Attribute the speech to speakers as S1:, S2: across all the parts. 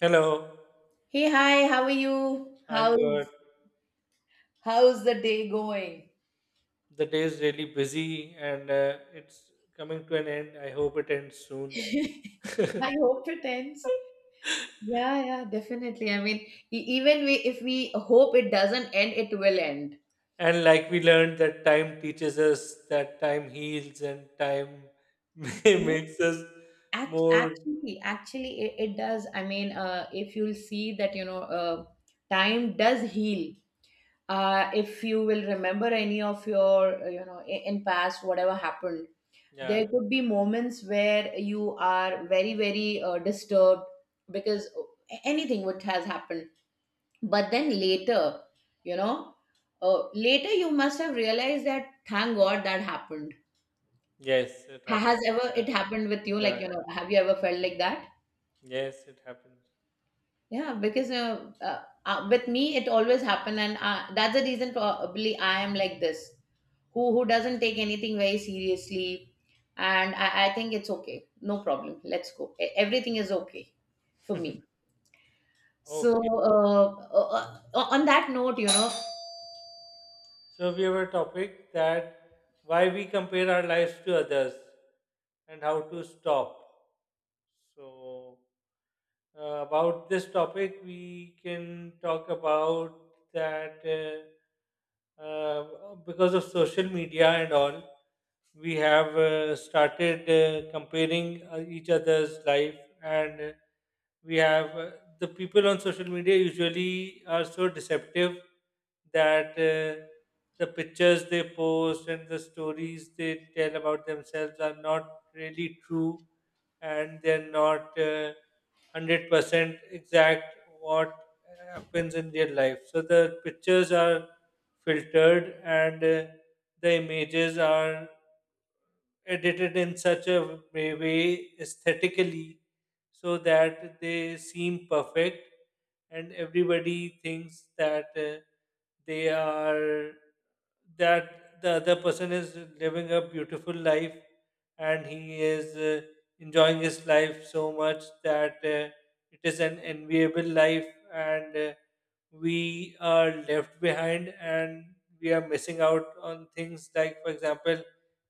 S1: Hello,
S2: Hey, hi, how are you?
S1: I'm good.
S2: How's the day going?
S1: The day is really busy and it's coming to an end. I hope it ends soon.
S2: I hope it ends. Yeah, yeah, definitely. I mean, e- even we if we hope it doesn't end, it will end.
S1: And like we learned that time teaches us that time heals and time
S2: Yeah.
S1: makes us
S2: Act-
S1: more.
S2: Actually, actually, it does. I mean, if you'll see that, time does heal. If you will remember any of your in past whatever happened,
S1: Yeah,
S2: there could be moments where you are very disturbed because anything what has happened, but then later, you know later you must have realized that thank god that happened.
S1: yes it
S2: Ha-
S1: happens.
S2: has ever
S1: Yeah,
S2: it happened with you, like,
S1: yeah.
S2: you know, have you ever felt like that?
S1: Yes it happens.
S2: Yeah, because with me it always happen, and that's the reason probably I am like this, who doesn't take anything very seriously, and I think it's okay, no problem. Let's go. Everything is okay for me. So
S1: Okay,
S2: uh, on that note, you know,
S1: so we have a topic that why we compare our lives to others and how to stop. So, about this topic, we can talk about that because of social media and all, we have started comparing each other's life, and we have the people on social media usually are so deceptive that the pictures they post and the stories they tell about themselves are not really true, and they're not 100% exact what happens in real life. So the pictures are filtered, and the images are edited in such a way aesthetically so that they seem perfect, and everybody thinks that they are that the other person is living a beautiful life, and he is enjoying his life so much that it is an enviable life, and we are left behind and we are missing out on things. Like for example,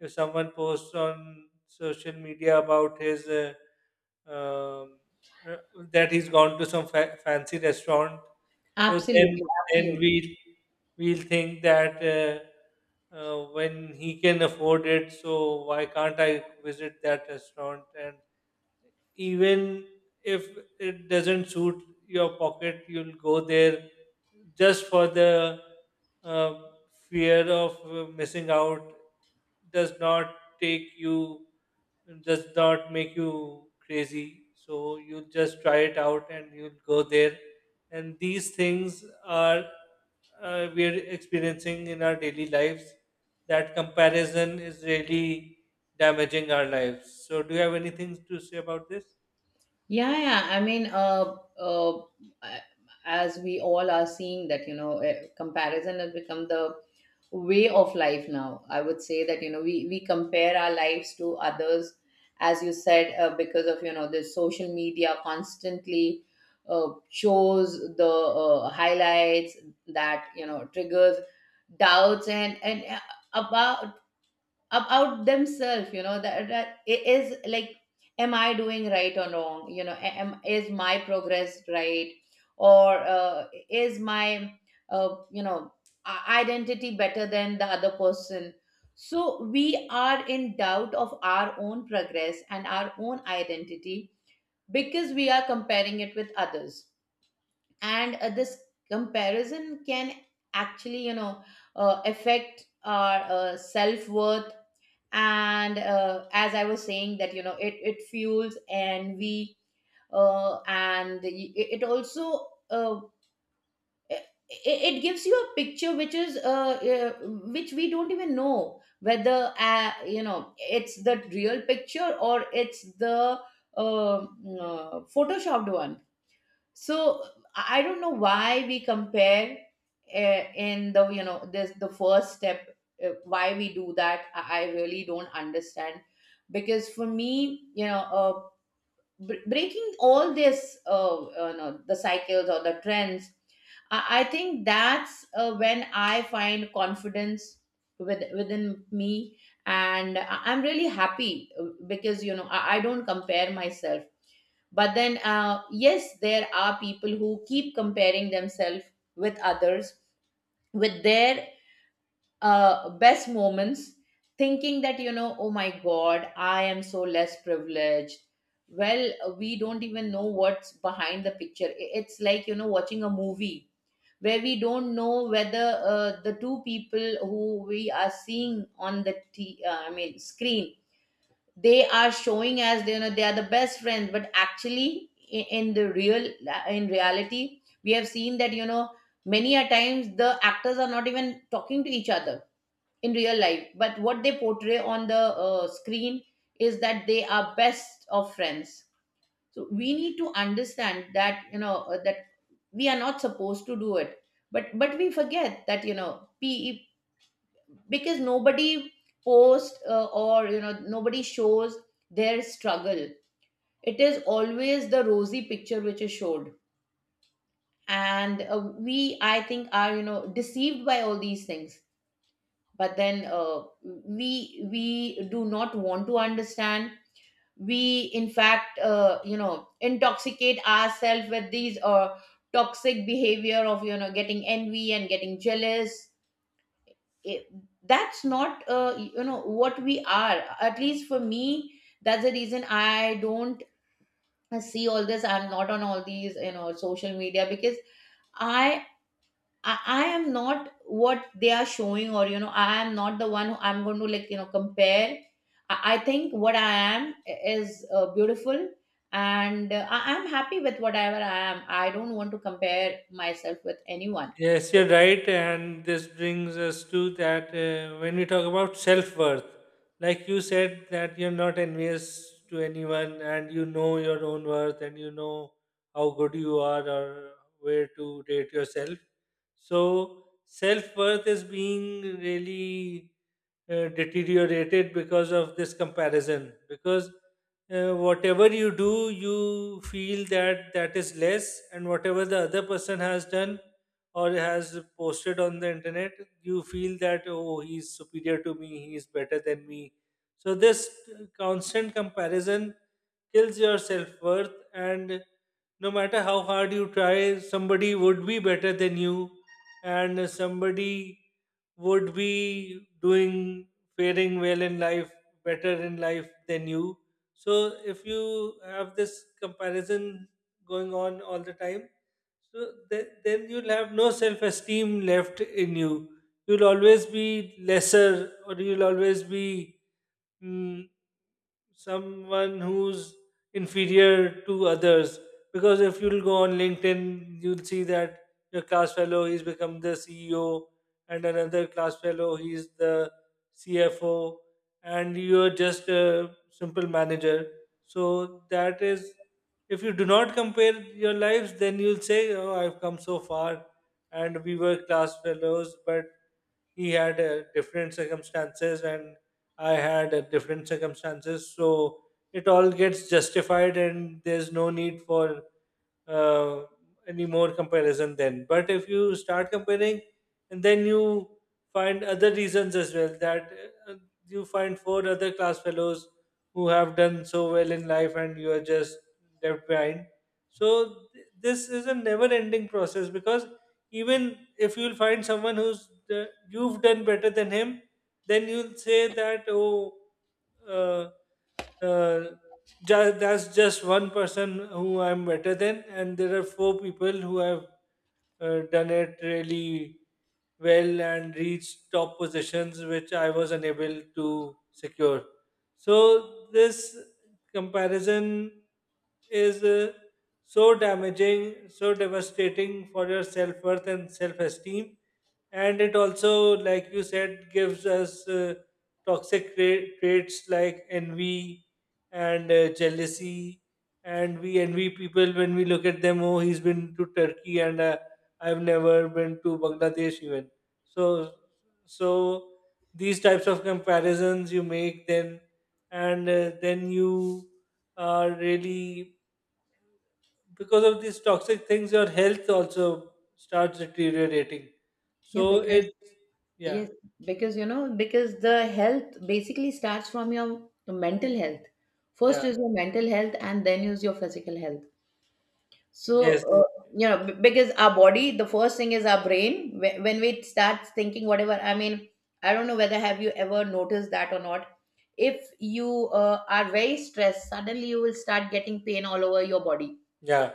S1: if someone posts on social media about his um, uh, that he's gone to some fancy restaurant, so
S2: absolutely,
S1: then we
S2: absolutely.
S1: we'll think that when he can afford it, so why can't I visit that restaurant? And even if it doesn't suit your pocket, you'll go there just for the uh, fear of missing out. Does not take you, does not make you crazy. So you'll just try it out and you'll go there. And these things are we're experiencing in our daily lives. That comparison is really damaging our lives. So, do you have anything to say about this?
S2: Yeah, yeah. I mean, a- as we all are seeing that, you know, comparison has become the way of life now. I would say that, you know, we compare our lives to others, as you said, because of, you know, the social media constantly shows the highlights that, you know, triggers doubts, and about about themselves, you know, that, that it is like, am I doing right or wrong? You know, am is my progress right, or is my, uh, you know identity better than the other person? So we are in doubt of our own progress and our own identity because we are comparing it with others. And this comparison can actually, you know, affect our self-worth. And as I was saying that, you know, it fuels envy, it it also, it, it gives you a picture which is, which we don't even know whether, you know, it's the real picture or it's the photoshopped one. So I don't know why we compare, in the, you know, this the first step, why we do that, I really don't understand, because for me, breaking all this, no, the cycles or the trends, I think that's, when I find confidence with, within me, and I'm really happy, because, you know, I don't compare myself. But then, yes, there are people who keep comparing themselves with others, with their best moments, thinking that, you know, oh my god, I am so less privileged. Well, we don't even know what's behind the picture. It's like, you know, watching a movie where we don't know whether the two people who we are seeing on the screen, they are showing as they, you know, they are the best friends, but actually, in the real in reality, we have seen that, you know, many a times the actors are not even talking to each other in real life, but what they portray on the screen is that they are best of friends. So we need to understand that, that we are not supposed to do it, but we forget that, you know pe because nobody posts, or, you know, nobody shows their struggle. It is always the rosy picture which is showed. And we, I think, are, you know, deceived by all these things. But then, we do not want to understand. We, in fact, you know, intoxicate ourselves with these toxic behavior of, you know, getting envy and getting jealous. It- that's not, you know, what we are. At least for me, that's the reason I don't see all this. I'm not on all these, you know, social media because i I am not what they are showing, or, you know, I am not the one who I'm going to, like, you know, compare. I think what I am is, beautiful. And I am happy with whatever I am. I don't want to compare myself with anyone.
S1: Yes, you're right. And this brings us to that when we talk about self worth, like you said, that you're not envious to anyone and you know your own worth and you know how good you are or where to rate yourself. So, self worth is being really deteriorated because of this comparison, because whatever you do, you feel that that is less, and whatever the other person has done or has posted on the internet, you feel that, oh, he's superior to me, he is better than me. So, this constant comparison kills your self worth, and no matter how hard you try, somebody would be better than you, and somebody would be doing faring well in life, better in life than you. So, if you have this comparison going on all the time, so then you'll have no self esteem left in you. You'll always be lesser, or you'll always be mm, someone who's inferior to others. Because if you'll go on LinkedIn, you'll see that your class fellow he's become the CEO, and another class fellow he's the CFO, and you're just a simple manager. So that is if you do not compare your lives, then you'll say, "Oh, I've come so far, and we were class fellows, but he had different circumstances, and I had different circumstances." So it all gets justified, and there's no need for uh, any more comparison then. But if you start comparing, and then you find other reasons as well that uh, you find four other class fellows who have done so well in life and you are just left behind. So this is a never-ending process, because even if you'll find someone who's you've done better than him, then you'll say that oh. Uh, uh, that's just one person who I'm better than, and there are four people who have done it really well and reached top positions which I was unable to secure. So this comparison is so damaging, so devastating for your self worth and self esteem, and it also, like you said, gives us toxic traits like envy and jealousy, and we envy people when we look at them. Oh, he's been to Turkey, and I've never been to Bangladesh even. So, so these types of comparisons you make then, and then you are really, because of these toxic things your health also starts deteriorating.
S2: Yeah,
S1: So
S2: because,
S1: it, yeah,
S2: yes, because, you know, because the health basically starts from your mental health.
S1: yeah,
S2: First is your mental health, and then is your physical health. So,
S1: yes,
S2: you know, because our body, the first thing is our brain. When we start thinking, whatever, I mean, I don't know whether have you ever noticed that or not. If you are very stressed, suddenly you will start getting pain all over your body.
S1: yeah.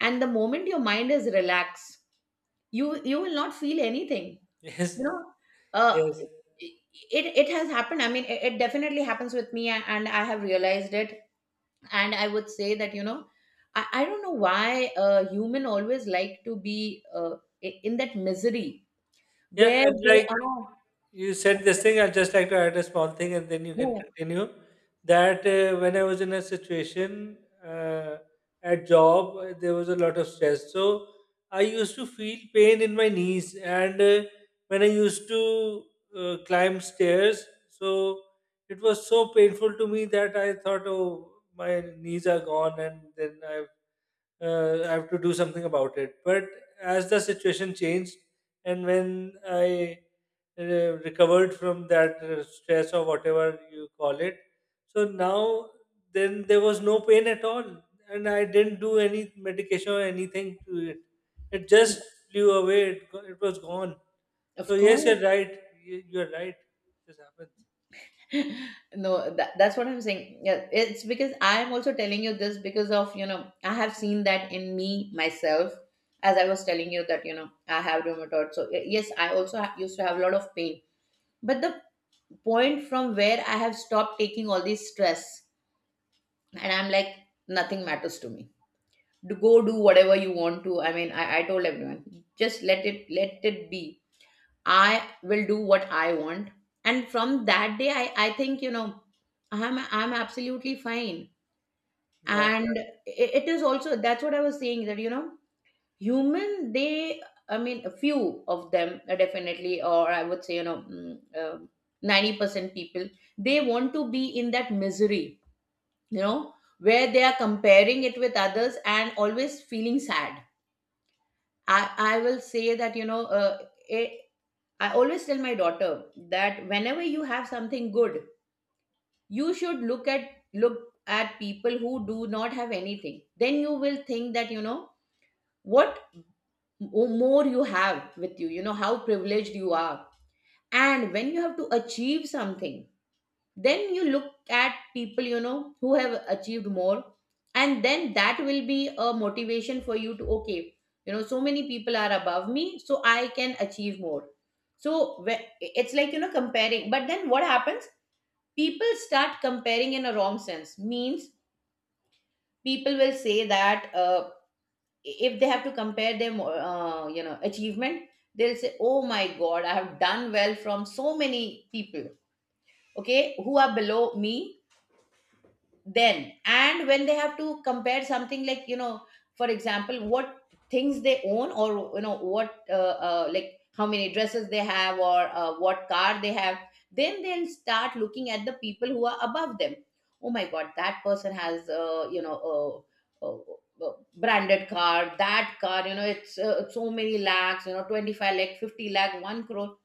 S2: And the moment your mind is relaxed, you will not feel anything.
S1: Yes,
S2: You know, uh,
S1: yes.
S2: it it has happened. I mean, it definitely happens with me, and I have realized it, and I would say that, you know, I don't know why human always like to be, in that misery
S1: Yeah,
S2: where
S1: and
S2: they
S1: like
S2: are.
S1: you said
S2: Yeah,
S1: this thing, I'd just like to add a small thing and then you can
S2: yeah,
S1: continue. That when I was in a situation uh, at job, there was a lot of stress. So I used to feel pain in my knees. And when I used to climb stairs, so it was so painful to me that I thought, oh, my knees are gone. And then I have to do something about it. But as the situation changed, and when I uh, recovered from that stress or whatever you call it, so now then there was no pain at all, and I didn't do any medication or anything to it. It just flew away. It, it was gone. So
S2: of
S1: yes, you're
S2: course.
S1: right. You, you're right. This happens.
S2: no, that, that's what I'm saying. Yeah, it's because I'm also telling you this because of, you know, I have seen that in me myself. As I was telling you that, you know, I have rheumatoid, so yes, I also used to have a lot of pain. But the point from where I have stopped taking all these stress, and I'm like, nothing matters to me, do, go, do whatever you want to. I mean, I told everyone, just let it, let it be, I will do what I want. And from that day, I think, you know, I'm absolutely fine.
S1: Yeah.
S2: And it is also, that's what I was saying that, you know, human, they, I mean, a few of them, definitely, or I would say, you know, 90% people, they want to be in that misery, you know, where they are comparing it with others and always feeling sad. I will say that, you know, it, I always tell my daughter that whenever you have something good, you should look at people who do not have anything. Then you will think that, you know, what more you have with you, you know, how privileged you are. And when you have to achieve something, then you look at people, you know, who have achieved more, and then that will be a motivation for you to, okay, you know, so many people are above me, so I can achieve more. So it's like, you know, comparing. But then what happens, people start comparing in a wrong sense. Means, people will say that, if they have to compare their you know, achievement, they'll say, oh my god, I have done well from so many people, okay, who are below me. Then, and when they have to compare something like, you know, for example, what things they own, or, you know, what, like how many dresses they have, or what car they have, then they'll start looking at the people who are above them. Oh my god, that person has, you know, uh, uh, branded car, that car, you know, it's, so many lakhs, you know, 25 lakh, 50 lakh, 1 crore.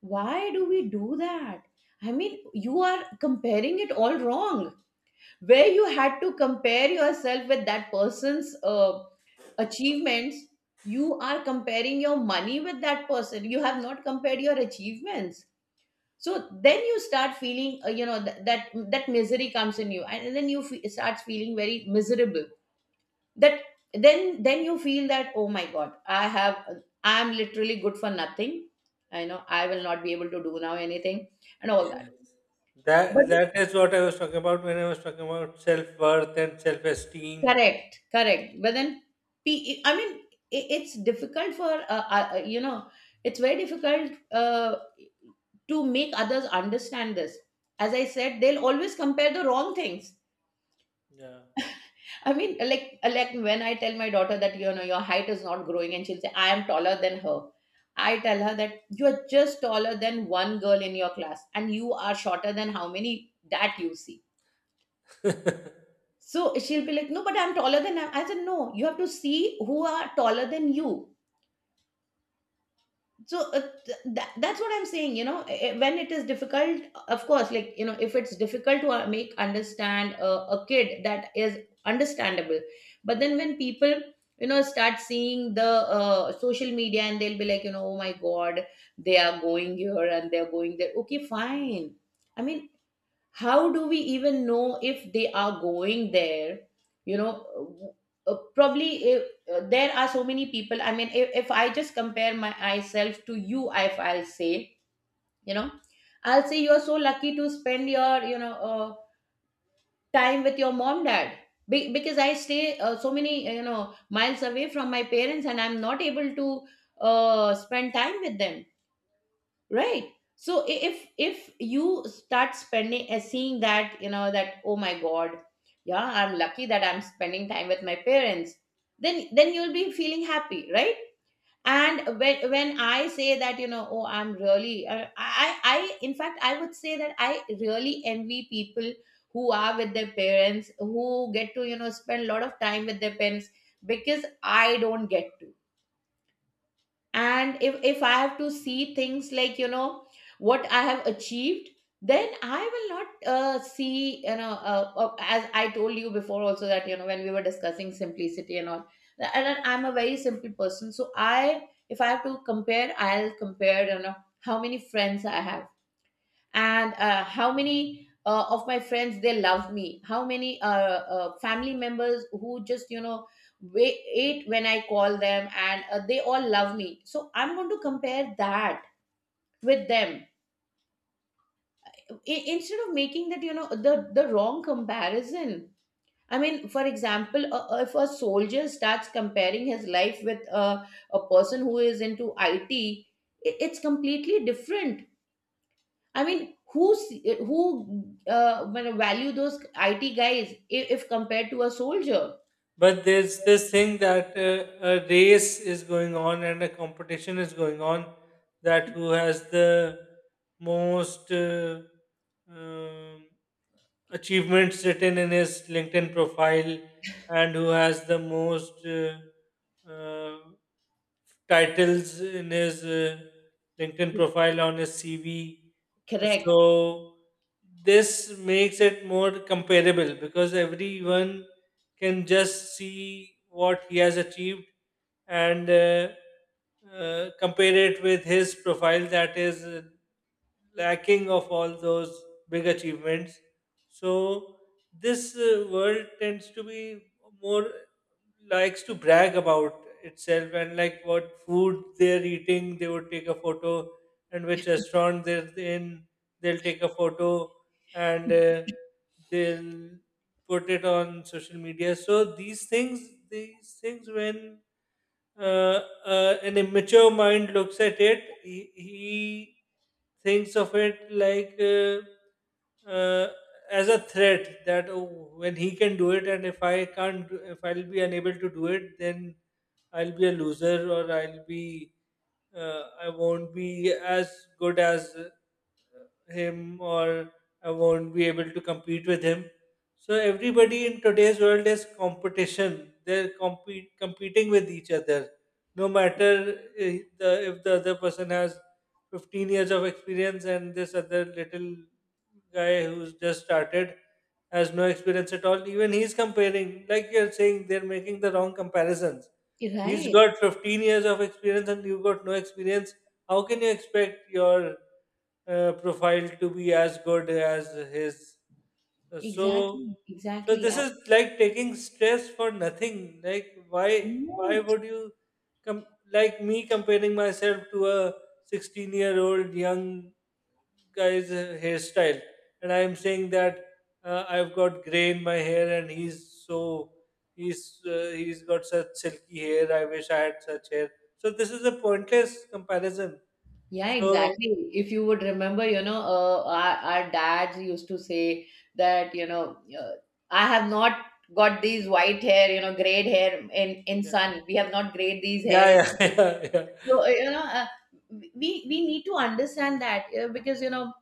S2: Why do we do that? I mean, you are comparing it all wrong. Where you had to compare yourself with that person's achievements, you are comparing your money with that person. You have not compared your achievements. So then you start feeling, you know, that that misery comes in you, and then you starts feeling very miserable. That then you feel that, oh my god, I am literally good for nothing. I know I will not be able to do now anything, and all that.
S1: Yes.
S2: But
S1: That that is what I was talking about when I was talking about self worth and self esteem.
S2: correct, correct. But then, I mean, it's difficult for, you know, it's very difficult, to make others understand this. As I said, they'll always compare the wrong things.
S1: Yeah.
S2: I mean, like when I tell my daughter that, you know, your height is not growing, and she'll say, I am taller than her. I tell her that you're just taller than one girl in your class, and you are shorter than how many that you see. So she'll be like, no, but I'm taller than I. I said, no, you have to see who are taller than you. So that, that's what I'm saying. You know, when it is difficult, of course, like, you know, if it's difficult to make understand a kid, that is understandable. But then when people, start seeing the social media and they'll be like, oh my god, they are going here and they are going there. Okay, fine. I mean, how do we even know if they are going there you know Probably if, there are so many people. I mean, if I just compare my myself to you, if I'll say, you know I'll say you're so lucky to spend your time with your mom, dad. Because I stay so many, miles away from my parents and I'm not able to spend time with them. Right, so if you start spending seeing that, that oh my god, yeah, I'm lucky that I'm spending time with my parents, then you'll be feeling happy, right? And when I say that, oh, I'm really I in fact, I would say that I really envy people who are with their parents, who get to spend a lot of time with their parents, because I don't get to. And if I have to see things like, what I have achieved, then I will not see, as I told you before also, that when we were discussing simplicity and all, and then I'm a very simple person. So I, if I have to compare, I'll compare, how many friends I have and how many of my friends they love me, how many family members who just wait, ate when I call them, and they all love me. So I'm going to compare that with them. Instead of making that, the wrong comparison. I mean, for example, if a soldier starts comparing his life with a person who is into IT, it's completely different. I mean, who when value those IT guys if compared to a soldier?
S1: But there's this thing that a race is going on and a competition is going on, that who has the most um, achievements written in his LinkedIn profile, and who has the most uh, titles in his LinkedIn profile on his CV.
S2: Correct.
S1: So this makes it more comparable because everyone can just see what he has achieved, and compare it with his profile that is lacking of all those big achievements. So this world tends to be more, likes to brag about itself, and like what food they're eating, they would take a photo, and which restaurant they're in, they'll take a photo, and they'll put it on social media. So these things, when uh, an immature mind looks at it, he thinks of it like. As a threat that oh, when he can do it, and if I can't if I'll be unable to do it, then I'll be a loser, or I'll be I won't be as good as him, or I won't be able to compete with him. So everybody in today's world is competition, they're competing with each other, no matter if the other person has 15 years of experience and this other little guy who's just started has no experience at all. Even he's comparing, like you're saying, they're making the wrong comparisons. He's
S2: Right.
S1: got 15 years of experience and you've got no experience. How can you expect your profile to be as good as his? So,
S2: Exactly.
S1: so
S2: Exactly.
S1: this
S2: I
S1: is like taking stress for nothing. Like,
S2: know
S1: why
S2: it.
S1: would you, com- like me comparing myself to a 16-year-old young guy's hairstyle, and I am saying that I've got gray in my hair, and he's so he's got such silky hair. I wish I had such hair. So this is a pointless comparison.
S2: Yeah,
S1: So
S2: exactly. If you would remember, our dads used to say that, I have not got these white hair, you know, grayed hair in
S1: yeah,
S2: sun. We have not grayed these hair in.
S1: yeah, yeah, yeah, yeah.
S2: So we need to understand that because you know,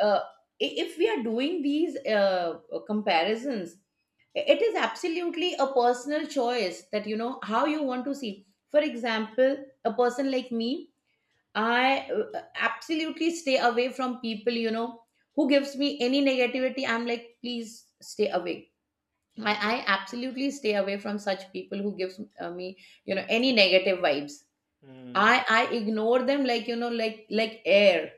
S2: uh, if we are doing these comparisons, it is absolutely a personal choice that you know how you want to see. For example, a person like me, I uh, absolutely stay away from people, you know, who gives me any negativity. I'm like, please stay away. I,
S1: Hmm.
S2: I absolutely stay away from such people who gives me, you know, any negative vibes.
S1: Hmm.
S2: I ignore them, like you know, like air.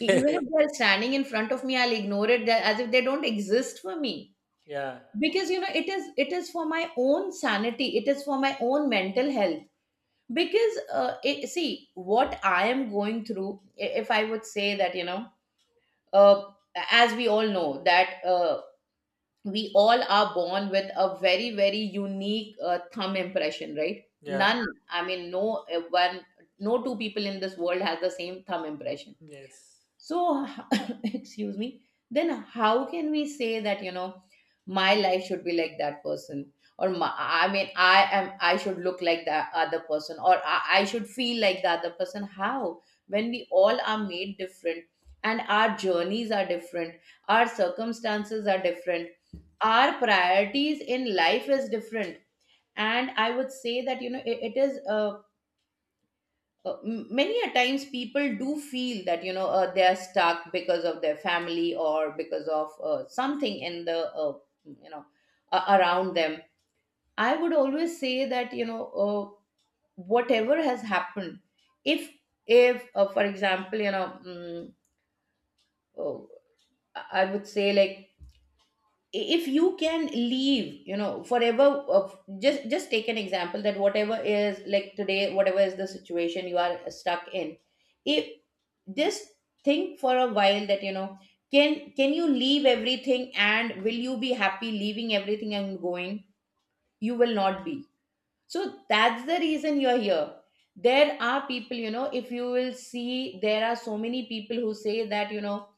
S2: Even if they're standing in front of me, I'll ignore it as if they don't exist for me.
S1: Yeah,
S2: Because you know it is for my own sanity. It is for my own mental health. Because see what I am going through. If I would say that, you know, uh, as we all know that we all are born with a very very unique thumb impression, right?
S1: yeah,
S2: None, I mean, no one, no two people in this world has the same thumb impression.
S1: yes,
S2: So, excuse me, then how can we say that, you know, my life should be like that person? Or my, I mean, I am, I should look like the other person, or I should feel like the other person. How? When we all are made different, and our journeys are different, our circumstances are different, our priorities in life is different. And I would say that, you know, many a times people do feel that, you know, they are stuck because of their family, or because of something in the, you know around them. I would always say that, whatever has happened, if for example, you know, uh, I would say, like, if you can leave, you know, forever, of just take an example that, whatever is like today, whatever is the situation you are stuck in, if just think for a while that, you know, can you leave everything, and will you be happy leaving everything and going? You will not be. So that's the reason you're here. There are people, you know, if you will see, there are so many people who say that, you know,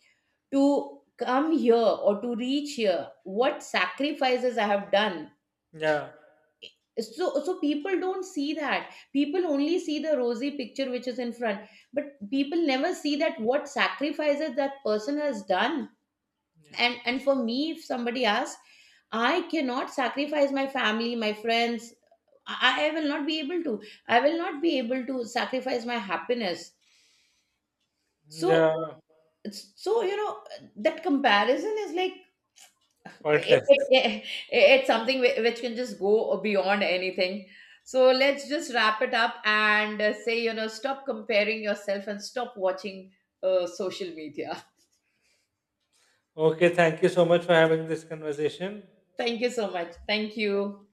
S2: to come here or to reach here, what sacrifices I have done.
S1: yeah,
S2: So so people don't see that, people only see the rosy picture which is in front, but people never see that what sacrifices that person has done.
S1: yes,
S2: And for me, if somebody asks, I cannot sacrifice my family, my friends. I will not be able to, I will not be able to sacrifice my happiness. So
S1: yeah,
S2: so you know that comparison is like, it,
S1: pointless.
S2: it, it- it's something which can just go beyond anything. So let's just wrap it up and say, you know, stop comparing yourself and stop watching social media.
S1: Okay, thank you so much for having this conversation.
S2: Thank you so much, thank you.